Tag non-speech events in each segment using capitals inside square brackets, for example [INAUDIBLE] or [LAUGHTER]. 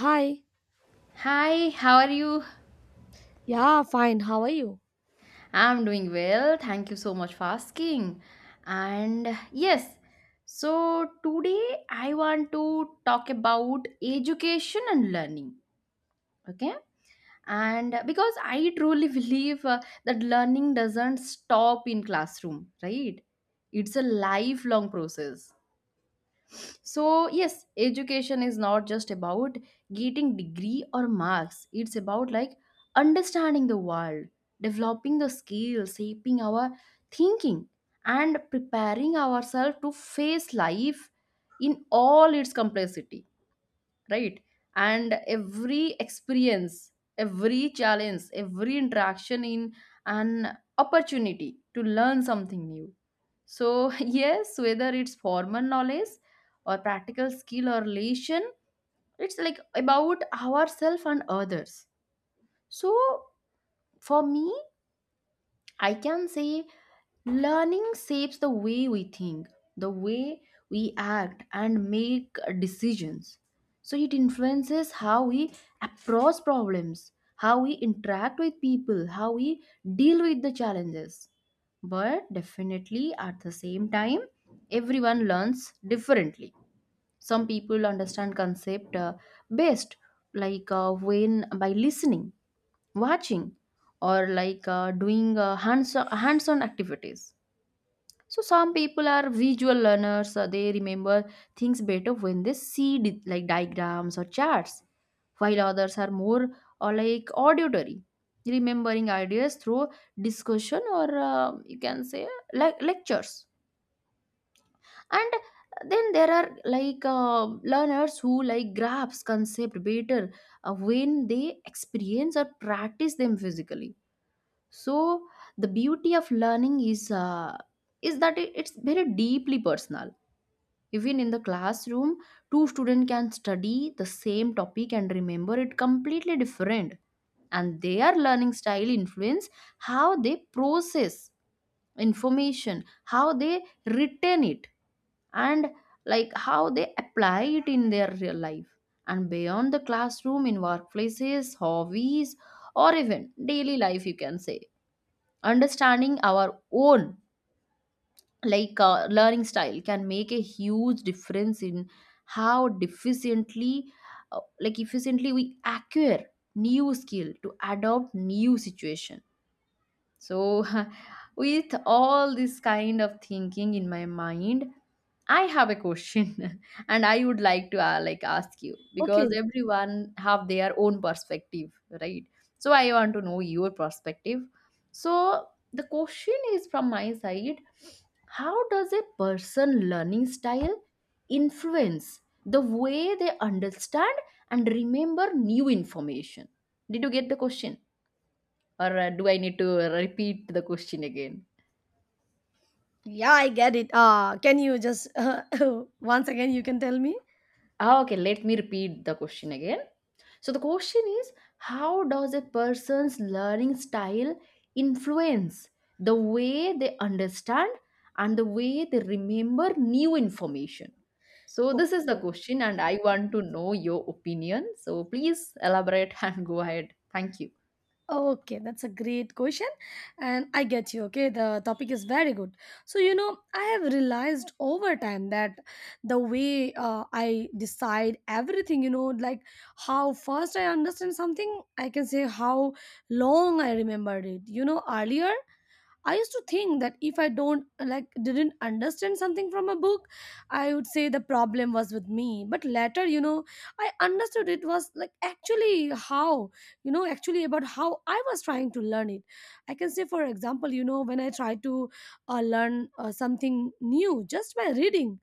Hi. Hi, how are you? Yeah, fine. How are you? I'm doing well. Thank you so much for asking. And yes, so today I want to talk about education and learning. Okay. And because I truly [LAUGHS] believe that learning doesn't stop in classroom, right? It's a lifelong process, so yes, education is not just about getting degree or marks. It's about like understanding the world, developing the skills, shaping our thinking, and preparing ourselves to face life in all its complexity, right? And every experience, every challenge, every interaction in an opportunity to learn something new. So [LAUGHS] yes, whether it's formal knowledge or practical skill or relation, it's like about ourselves and others. So for me, I can say learning shapes the way we think, the way we act, and make decisions. So it influences how we approach problems, how we interact with people, how we deal with the challenges. But definitely at the same time, everyone learns differently. Some people understand concept best, like when by listening, watching, or like doing hands-on activities. So some people are visual learners. Uh, they remember things better when they see like diagrams or charts, while others are more or like auditory, remembering ideas through discussion or you can say like lectures. And then there are like learners who like grasp concept better when they experience or practice them physically. So the beauty of learning is that it's very deeply personal. Even in the classroom, two students can study the same topic and remember it completely different. And their learning style influence how they process information, how they retain it, and like how they apply it in their real life. And beyond the classroom, in workplaces, hobbies, or even daily life, you can say understanding our own like learning style can make a huge difference in how deficiently like efficiently we acquire new skill to adopt new situation. So, [LAUGHS] with all this kind of thinking in my mind, I have a question, [LAUGHS] and I would like to like ask you because Okay. everyone have their own perspective, right? So I want to know your perspective. So the question is from my side: how does a person learning style influence the way they understand and remember new information? Did you get the question? Or do I need to repeat the question again? Yeah, I get it. Can you just [LAUGHS] once again you can tell me? Ah, okay, let me repeat the question again. So the question is how does a person's learning style influence the way they understand and the way they remember new information? So Okay. this is the question and I want to know your opinion. So please elaborate [LAUGHS] and go ahead. Thank you. Okay, that's a great question. And I get you. Okay, the topic is very good. So, you know, I have realized over time that the way I decide everything, you know, like how first I understand something, I can say how long I remembered it. You know, earlier I used to think that if I don't like didn't understand something from a book, I would say the problem was with me. But later, you know, I understood it was like actually how, you know, actually about how I was trying to learn it. I can say for example, you know, when I try to learn something new just by reading,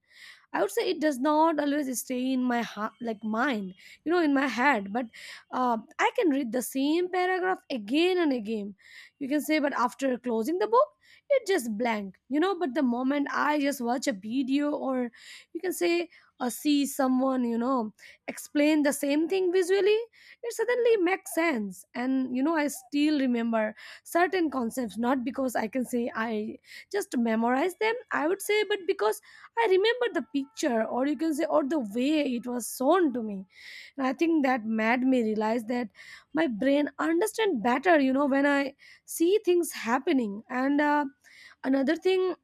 I would say it does not always stay in my like mind, you know, in my head. But I can read the same paragraph again and again. You can say, but after closing the book, it just blank, you know. But the moment I just watch a video or you can say or see someone, you know, explain the same thing visually, it suddenly makes sense. And you know, I still remember certain concepts not because I can say I just memorize them. I would say, but because I remember the picture, or you can say, or the way it was shown to me. And I think that made me realize that my brain understand better, you know, when I see things happening. And another thing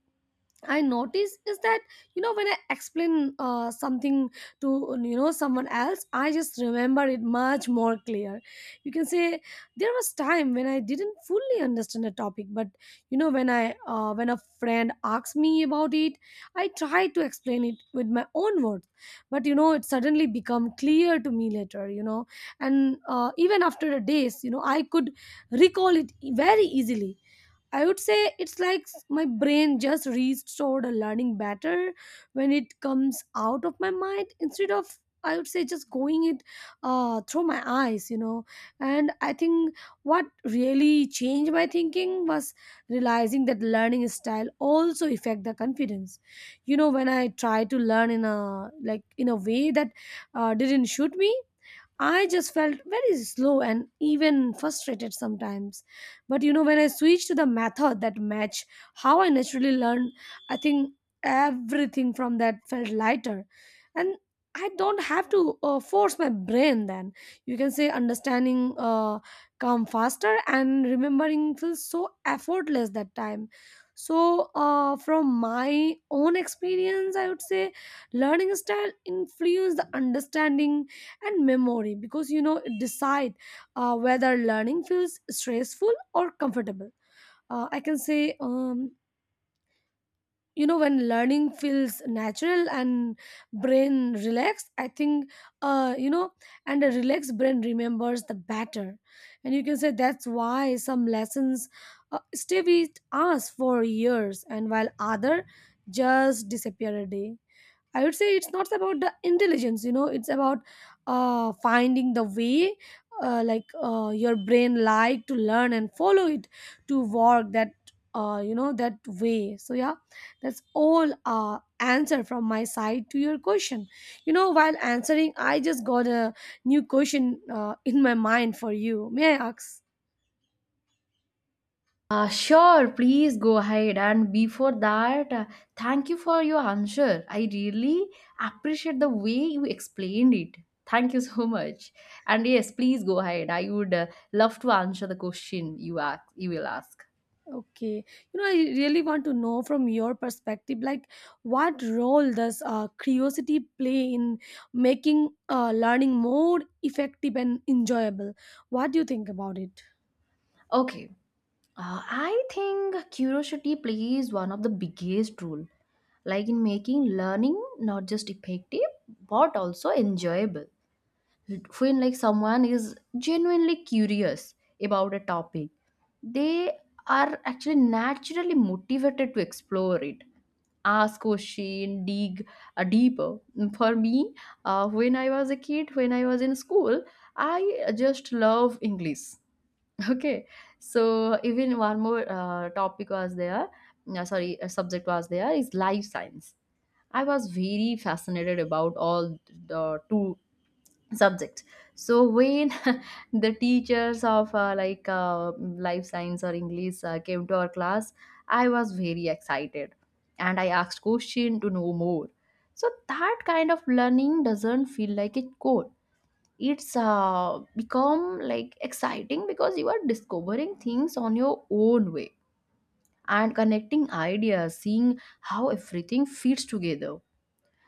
I notice is that you know when I explain something to you know someone else, I just remember it much more clear. You can say there was time when I didn't fully understand a topic, but you know when I when a friend asks me about it, I try to explain it with my own words, but you know it suddenly become clear to me later. You know, and even after a days, you know I could recall it very easily. I would say it's like my brain just restored a learning better when it comes out of my mind instead of I would say just going it through my eyes, you know. And I think what really changed my thinking was realizing that learning style also affect the confidence. You know, when I try to learn in a like in a way that didn't shoot me, I just felt very slow and even frustrated sometimes. But you know, when I switched to the method that matched how I naturally learned, I think everything from that felt lighter. And I don't have to force my brain then. You can say understanding come faster and remembering feels so effortless that time. So, from my own experience, I would say learning style influenced the understanding and memory because you know it decide whether learning feels stressful or comfortable. I can say you know when learning feels natural and brain relaxed I think, you know, and a relaxed brain remembers the better. And you can say that's why some lessons stay with us for years and while other just disappear a day. I would say it's not about the intelligence, you know, it's about finding the way your brain like to learn and follow it to work that you know that way. So yeah, that's all answer from my side to your question. You know, while answering, I just got a new question in my mind for you. May I ask? Sure, please go ahead. And before that, thank you for your answer. I really appreciate the way you explained it. Thank you [LAUGHS] so much. And yes, please go ahead. I would love to answer the question you will ask. Okay. You know, I really want to know from your perspective, like what role does curiosity play in making learning more effective and enjoyable? What do you think about it? Okay. I think curiosity plays one of the biggest role, like in making learning not just effective but also enjoyable. When like someone is genuinely curious about a topic, they are actually naturally motivated to explore it, ask question, dig deeper. For me, when I was a kid, when I was in school, I just love English. [LAUGHS] Okay, so even one more topic was there, sorry, a subject was there is life science. I was very fascinated about all the two subject. So when [LAUGHS] the teachers of life science or English came to our class, I was very excited and I asked question to know more. So that kind of learning doesn't feel like a code. It's become like exciting because you are discovering things on your own way and connecting ideas, seeing how everything fits together.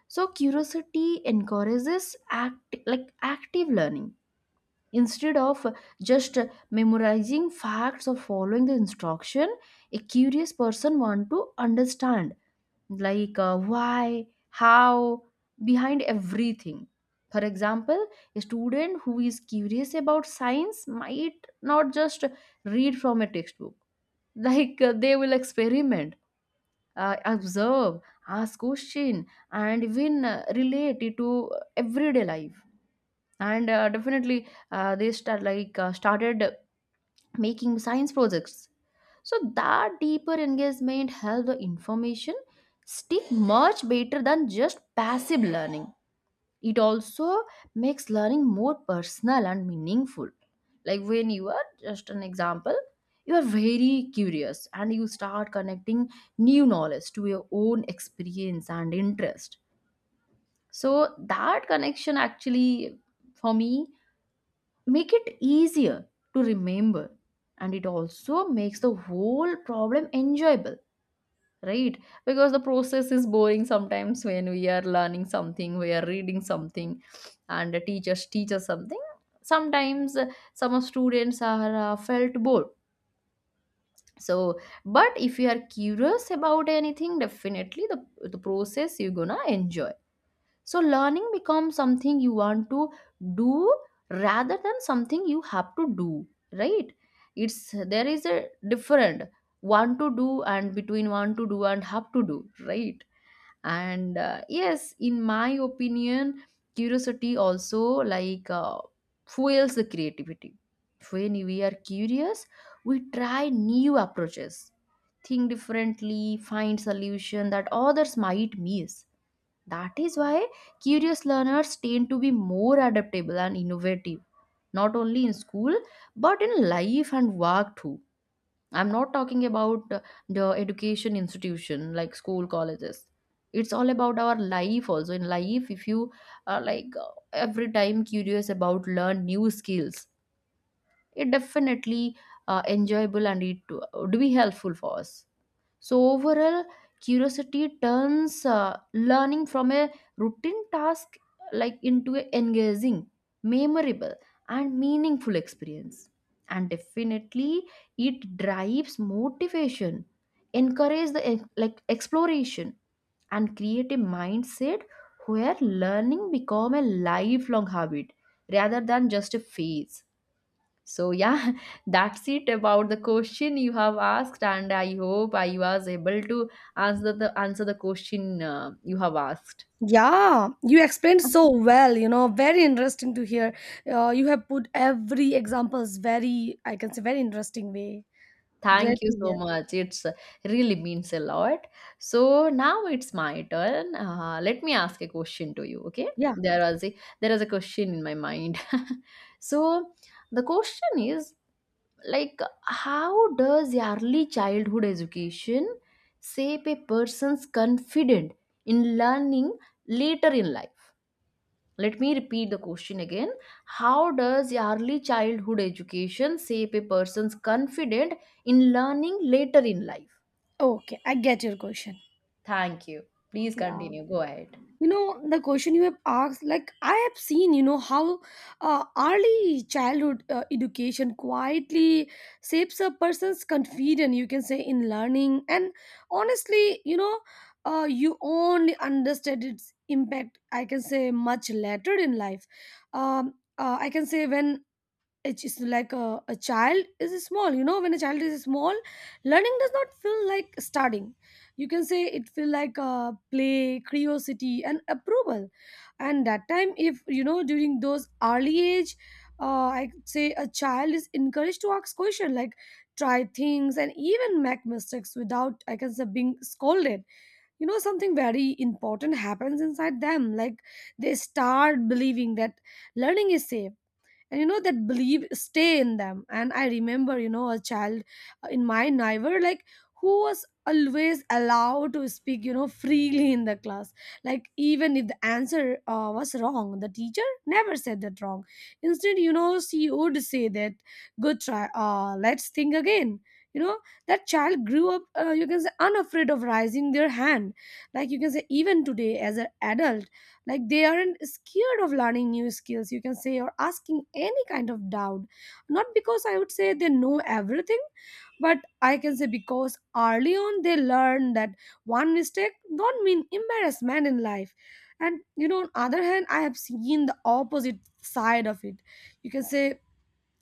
So curiosity encourages active learning. Instead of just memorizing facts or following the instruction, a curious person want to understand like why, how, behind everything. For example, a student who is curious about science might not just read from a textbook. [LAUGHS] Like they will experiment, observe, ask question, and even relate it to everyday life. And definitely, they start like started making science projects. So that deeper engagement helps the information stick much better than just passive learning. It also makes learning more personal and meaningful. Like when you are just an example, you are very curious and you start connecting new knowledge to your own experience and interest. So that connection actually, for me, make it easier to remember, and it also makes the whole problem enjoyable, right? Because the process is boring sometimes when we are learning something, we are reading something, and the teachers teach us something. Sometimes some of students are felt bored, so but if you are curious about anything, definitely the process you're gonna enjoy. So learning becomes something you want to do rather than something you have to do, right? It's there is a different want to do, and between want to do and have to do, right? And yes, in my opinion, curiosity also like fuels the creativity. When we are curious, we try new approaches, think differently, find solution that others might miss. That is why curious learners tend to be more adaptable and innovative, not only in school, but in life and work too. I'm not talking about the education institution like school, colleges. It's all about our life also. In life, if you are like every time curious about learn new skills, it definitely enjoyable, and it would be helpful for us. So, overall, curiosity turns learning from a routine task like into an engaging, memorable, and meaningful experience. And definitely, it drives motivation, encourages the like exploration, and create a mindset where learning become a lifelong habit rather than just a phase. So, yeah, [LAUGHS] that's it about the question you have asked, and I hope I was able to answer the question you have asked. Yeah, you explained so well, you know, very interesting to hear. You have put every examples very, I can say, very interesting way. Great Thank you to so hear. much. It's really means a lot. So now it's my turn. Let me ask a question to you. Okay, Yeah. there was a there is a question in my mind. [LAUGHS] So the question is, like how does early childhood education shape a person's confidence in learning later in life? Let me repeat the question again: how does early childhood education shape a person's confidence in learning later in life? Okay, I get your question. Thank you, please Yeah. continue, go ahead. You know the question you have asked, like I have seen you know how early childhood education quietly shapes a person's confidence, you can say, in learning. And honestly, you know, you only understand its impact, I can say, much later in life. I can say when it's just like a child is small, you know, when a child is small, learning does not feel like studying. You can say it feel like play, curiosity and approval. And that time, if you know, during those early age, I could say a child is encouraged to ask question, like try things and even make mistakes without, I can say, being scolded, you know, something very important happens inside them, like they start believing that learning is safe. And you know, that belief stay in them. And I remember, you know, a child in my neighbor, like, who was always allowed to speak, you know, freely in the class, like even if the answer was wrong, the teacher never said that wrong. Instead, you know, she would say that good try, let's think again. You know, that child grew up, you can say, unafraid of raising their hand. Like, you can say, even today as an adult, like they aren't scared of learning new skills, you can say, or asking any kind of doubt, not because I would say they know everything, but I can say because early on they learn that one mistake don't mean embarrassment in life. And you know, on other hand, I have seen the opposite side of it. You can say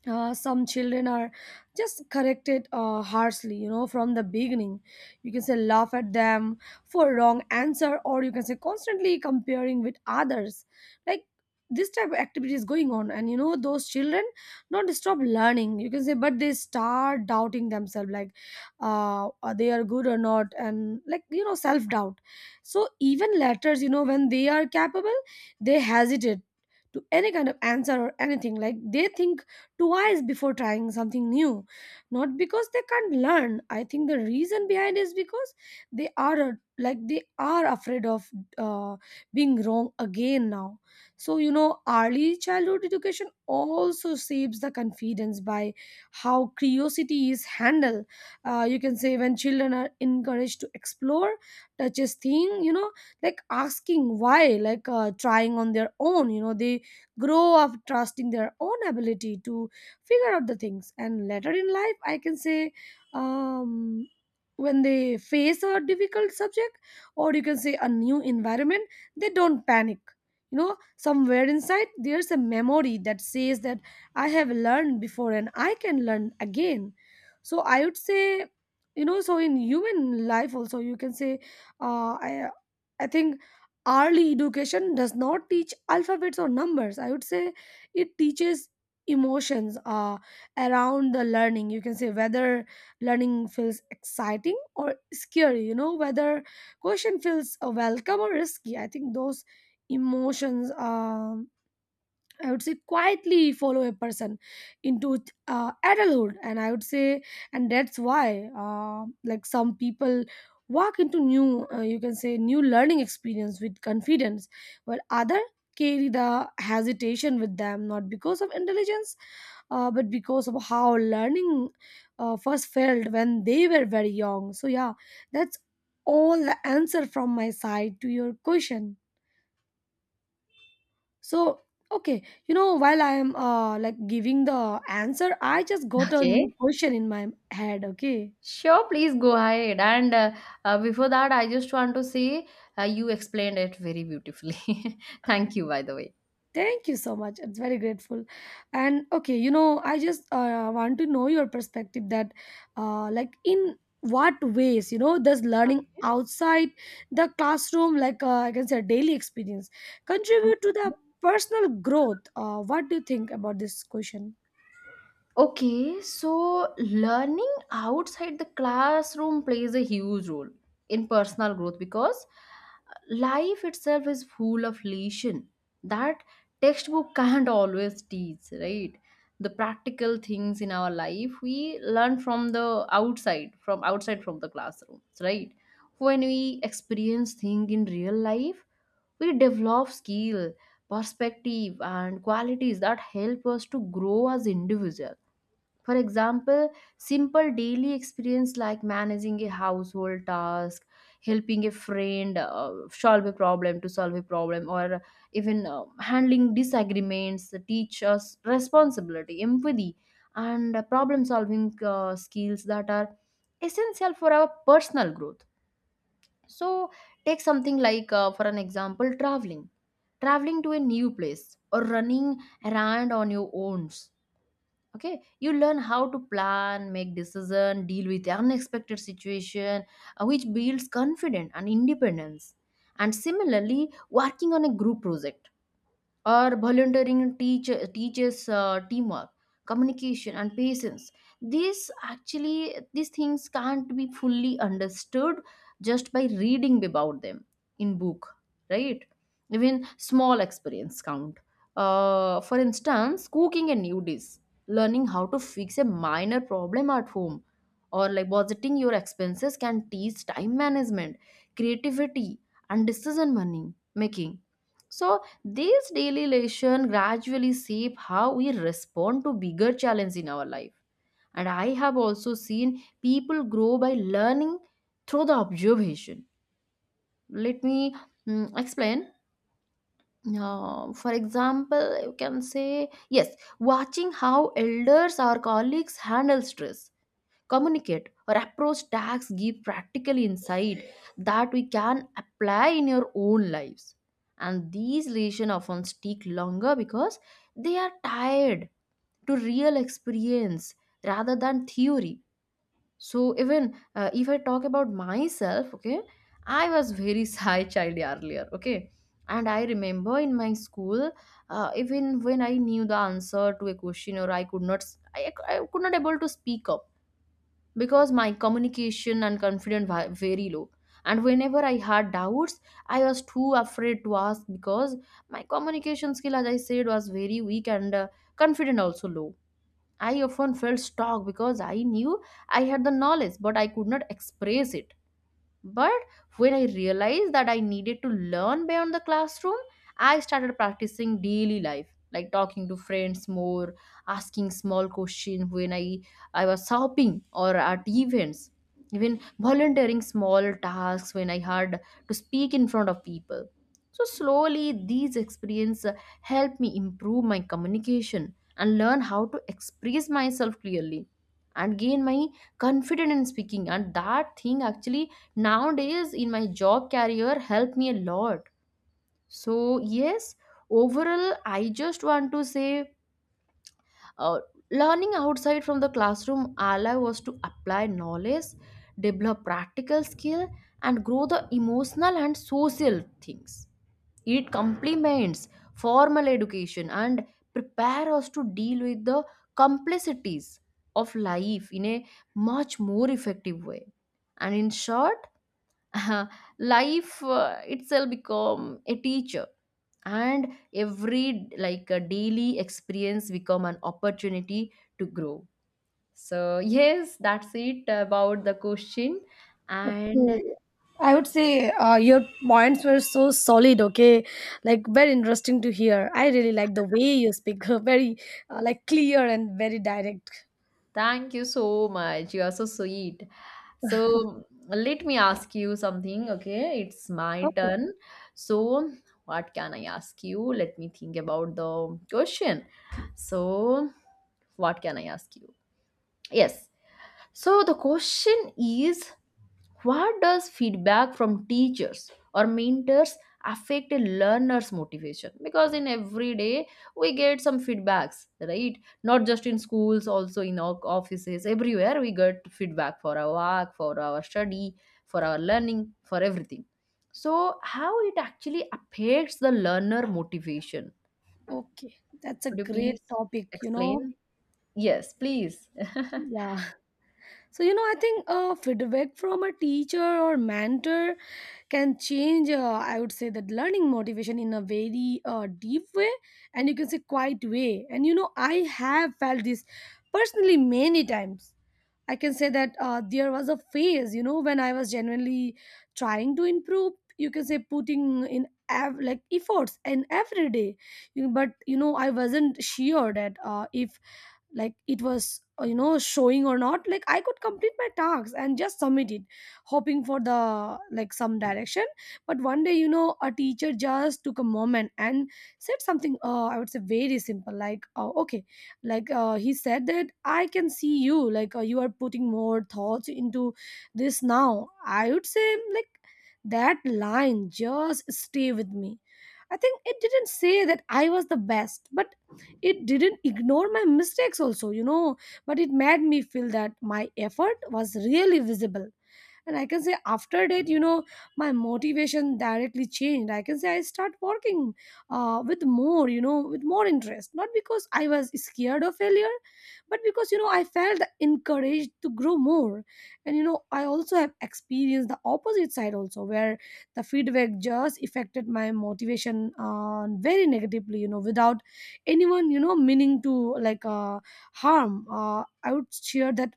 some children are just corrected harshly, you know, from the beginning. You can say laugh at them for wrong answer, or you can say constantly comparing with others, like this type of activity is going on. And you know, those children don't stop learning, you can say, but they start doubting themselves, like are they are good or not, and like, you know, self doubt. So even letters, you know, when they are capable, they hesitate to any kind of answer or anything, like they think twice before trying something new, not because they can't learn. I think the reason behind is because they are they are afraid of uh, being wrong again now. So you know, early childhood education also shapes the confidence by how curiosity is handled. You can say when children are encouraged to explore, touches thing, you know, like asking why, trying on their own, you know, they grow up trusting their own ability to figure out the things. And later in life I can say, um, when they face a difficult subject, or you can say a new environment, they don't panic. You know, somewhere inside there's a memory that says that I have learned before and I can learn again. So I would say, you know, so in human life also you can say, uh, i I think early education does not teach alphabets or numbers, I would say. It teaches emotions around the learning. You can say whether learning feels exciting or scary, you know, whether question feels welcome or risky. I think those emotions I would say quietly follow a person into adulthood. And I would say, and that's why, like some people walk into new, you can say, new learning experience with confidence, while other carry the hesitation with them, not because of intelligence, but because of how learning first felt when they were very young. So yeah, that's all the answer from my side to your question. So, okay, you know, while I am giving the answer, I just got a Okay, new question in my head, okay? sure, please go ahead, and before that, I just want to say you explained it very beautifully. [LAUGHS] Thank you, by the way. Thank you so much. It's very grateful. And okay, you know, I just want to know your perspective that in what ways, you know, does learning outside the classroom, I can say daily experience, contribute to the Okay. personal growth? What do you think about this question? Okay, so learning outside the classroom plays a huge role in personal growth because life itself is full of lesson that textbook [LAUGHS] can't always teach, right? The practical things in our life we learn from the outside, from the classrooms, right? When we experience things in real life, we develop skill, perspective, and qualities that help us to grow as individual. For example, simple daily experience like managing a household task, helping a friend solve a problem to solve a problem, or even handling disagreements teach us responsibility, empathy, and problem solving skills that are essential for our personal growth. So, take something like, for an example, traveling. Traveling to a new place or running around on your own, okay, you learn how to plan, make decision, deal with unexpected situation, which builds confidence and independence. And similarly, working on a group project or volunteering teaches teamwork, communication, and patience. These actually, these things can't be fully understood just by reading about them in book, right? Even small experience count. Uh, for instance, cooking a new dish, learning how to fix a minor problem at home, or like budgeting your expenses can teach time management, creativity, and decision money making. So these daily lessons gradually shape how we respond to bigger challenges in our life. And I have also seen people grow by learning through the observation. Let me explain. For example, you can say, yes, watching how elders or colleagues handle stress, communicate or approach tasks give practical insight that we can apply in your own lives, and these relations often stick longer because they are tied to real experience rather than theory. So even if I talk about myself, okay, I was very [LAUGHS] shy child earlier, okay. And I remember in my school, even when I knew the answer to a question or I could not, I could not able to speak up because my communication and confidence were very low. And whenever I had doubts, I was too afraid to ask because my communication skill, as I said, was very weak, and confident also low. I often felt stuck because I knew I had the knowledge but I could not express it. But when I realized that I needed to learn beyond the classroom, I started practicing daily life, like talking to friends more, asking small questions when I was shopping or at events, even volunteering small tasks when I had to speak in front of people. So slowly these experiences helped me improve my communication and learn how to express myself clearly and gain my confidence in speaking, and that thing actually nowadays in my job career helped me a lot. So yes, overall I just want to say, uh, learning outside from the classroom allow us to apply knowledge, develop practical skill, and grow the emotional and social things. It complements formal education and prepare us to deal with the complexities of life in a much more effective way. And in short, uh, life itself become a teacher, and every like a daily experience become an opportunity to grow. So [LAUGHS] yes, that's it about the question. Okay. And I would say your points were so solid, okay? Like, very interesting to hear. I really like the way you speak, [LAUGHS] very clear and very direct. thank you so much, you are so sweet. So let me ask you something, okay, it's my Okay. turn. So what can I ask you, let me think about the question. So what can I ask you? Yes. So the question is, what does feedback from teachers or mentors affect a learner's motivation? Because in every day we get some feedbacks, right? Not just in schools, also in our offices, everywhere we get feedback for our work, for our study, for our learning, for everything. So how it actually affects the learner motivation? Okay. That's a Could you great please topic, you explain? know? Yes, please. [LAUGHS] Yeah. So, you know, I think feedback from a teacher or mentor can change, I would say, that learning motivation in a very deep way and you can say quiet way. And, you know, I have felt this personally many times. I can say that there was a phase, you know, when I was genuinely trying to improve. You can say putting in efforts and every day, You- know, but you know, I wasn't sure that if like it was you know showing or not, like I could complete my tasks and just submit it hoping for the some direction. But one day, you know, a teacher just took a moment and said something, I would say very simple, like, okay, he said that, I can see you, you are putting more thoughts into this now, I would say. Like, that line just stay with me. I think it didn't say that I was the best, but it didn't ignore my mistakes also, you know, but it made me feel that my effort was really visible. And I can say, after that, you know, my motivation directly changed. I can say I start working with more, with more interest, not because I was scared of failure, but because, you know, I felt encouraged to grow more. And, you know, I also have experienced the opposite side also, where the feedback just affected my motivation very negatively, you know, without anyone, you know, meaning to harm. I would cheer that,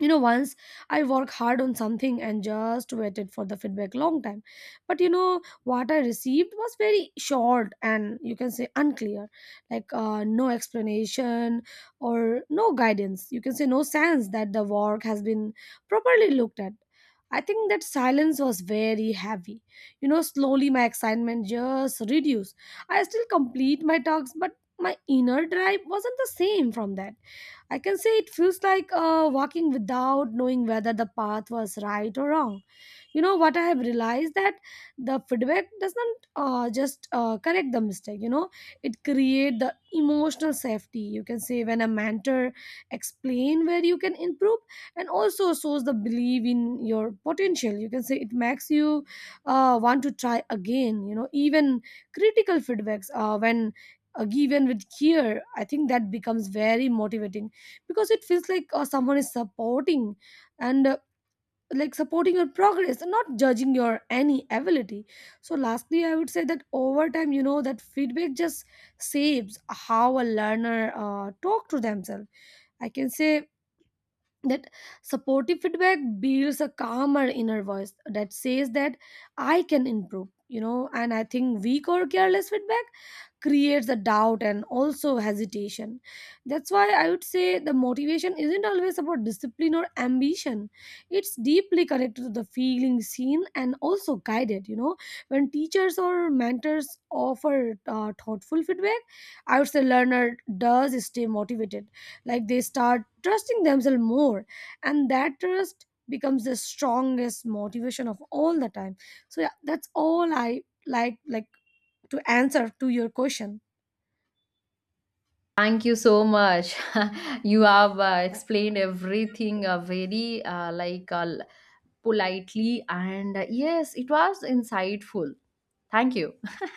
you know. Once I work hard on something and just waited for the feedback long time, but you know what I received was very short and, you can say, unclear. No explanation or no guidance, you can say, no sense that the work has been properly looked at. I think that silence was very heavy. You know, slowly my excitement just reduced. I still complete my talks, but my inner drive wasn't the same from that. I can say it feels like walking without knowing whether the path was right or wrong. You know what, I have realized that the feedback doesn't just correct the mistake. You know, it create the emotional safety. You can say, when a mentor explain where you can improve and also shows the belief in your potential, you can say, it makes you want to try again. You know, even critical feedbacks, when given with care, I think that becomes very motivating, because it feels like someone is supporting and like supporting your progress and not judging your any ability. So lastly, I would say that over time, you know, that feedback just saves how a learner talk to themselves. I can say that supportive feedback builds a calmer inner voice that says that I can improve, you know. And I think weak or careless feedback creates a doubt and also hesitation. That's why I would say the motivation isn't always about discipline or ambition. It's deeply connected to the feeling seen and also guided. You know, when teachers or mentors offer thoughtful feedback, I would say learner does stay motivated. Like, they start trusting themselves more, and that trust becomes the strongest motivation of all the time. So yeah, that's all I like to answer to your question. Thank you so much. [LAUGHS] You have explained everything very politely, and yes, it was insightful. Thank you. [LAUGHS]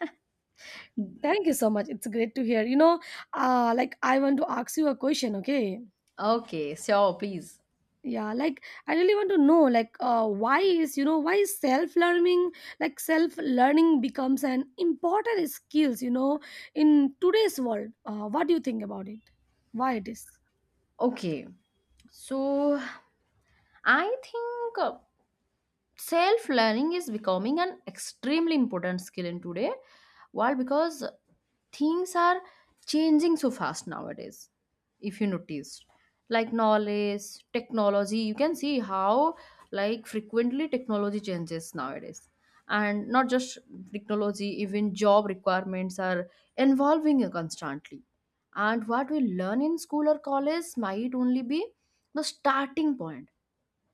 Thank you so much. It's great to hear. You know, I want to ask you a question. Okay. Okay, sure, please. Yeah, like, I really want to know, like, why is you know why self learning, like self learning, becomes an important skills, you know, in today's world. What do you think about it? Why it is? Okay, so I think, self learning is becoming an extremely important skill in today world because things are changing so fast nowadays. If you notice, like knowledge, technology, you can see how like frequently technology changes nowadays. And not just technology, even job requirements are evolving constantly. And what we learn in school or college might only be the starting point.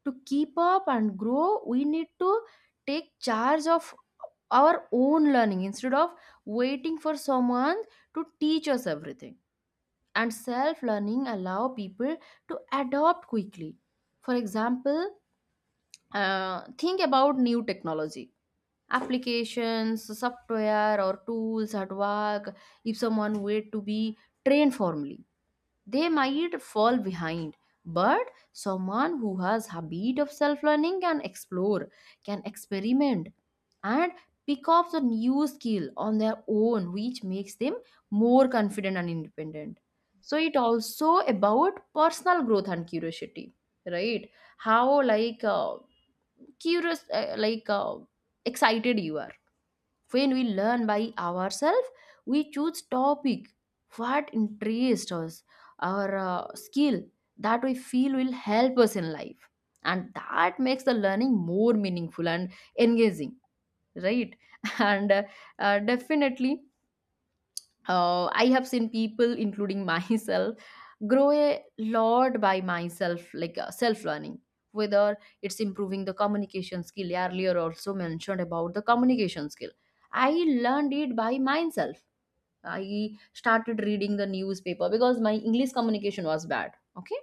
To keep up and grow, we need to take charge of our own learning instead of waiting for someone to teach us everything. And self learning allow people to adapt quickly. For example, think about new technology, applications, software or tools at work. If someone wait to be trained formally, they might fall behind. But someone who has habit of self learning can explore, can experiment, and pick up the new skill on their own, which makes them more confident and independent. So it also about personal growth and curiosity, right? How like curious, excited you are. When we learn by ourselves, we choose topic what interests us, our skill that we feel will help us in life, and that makes the learning more meaningful and engaging, right? [LAUGHS] And definitely I have seen people, including [LAUGHS] myself, grow a lot by myself, like self learning. Whether it's improving the communication skill, earlier also mentioned about the communication skill. I learned it by myself. I started reading the newspaper because my English communication was bad. Okay.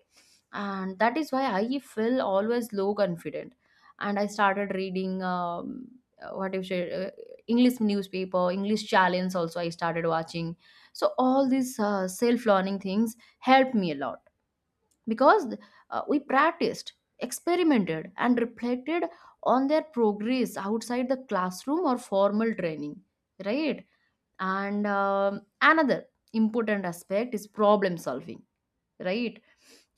And that is why I feel always low confident. And I started reading, what if you say, English newspaper, English challenge also I started watching. So all these self learning things helped me a lot, because we practiced, experimented, and reflected on their progress outside the classroom or formal training, right? And another important aspect is problem solving, right?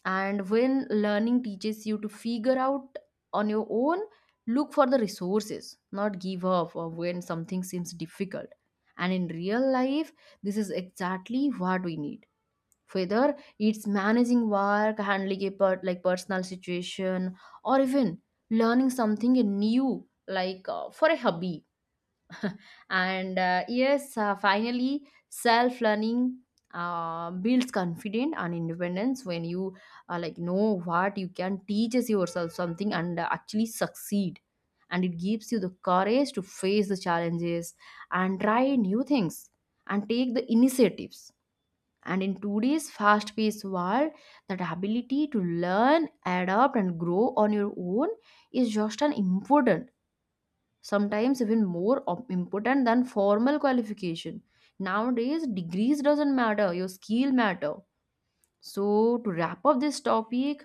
And when learning teaches you to figure out on your own, look for the resources, not give up or when something seems difficult. And in real life, this is exactly what we need, whether it's managing work, handling a like personal situation, or even learning something new like for a hobby. And yes, finally self learning builds confidence and independence. When you like know what you can teach as yourself something and actually succeed, and it gives you the courage to face the challenges and try new things and take the initiatives. And in today's fast paced world, that ability to learn, adapt and grow on your own is just an important, sometimes even more important than formal qualification. Nowadays degrees doesn't matter, your skill matter. So to wrap up this topic,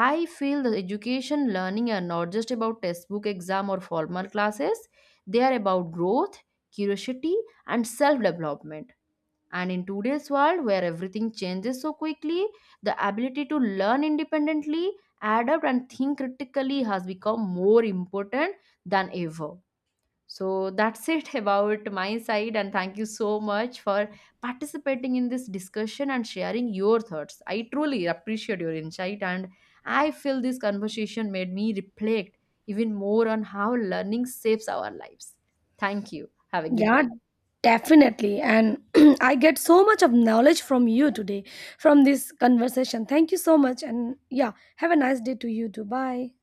I feel the education learning are not just about textbook, exam or formal classes. They are about growth, curiosity, and self development. And in today's world where everything changes so quickly, the ability to learn independently, adapt and think critically has become more important than ever. So that's it [LAUGHS] about my side, and thank you so much for participating in this discussion and sharing your thoughts. I truly appreciate your insight, and I feel this conversation made me reflect even more on how learning saves our lives. Thank you. Have a good Yeah, day. definitely. And [CLEARS THROAT] I get so much of knowledge from you today, from this conversation. Thank you so much. And yeah, have a nice day to you too. Bye.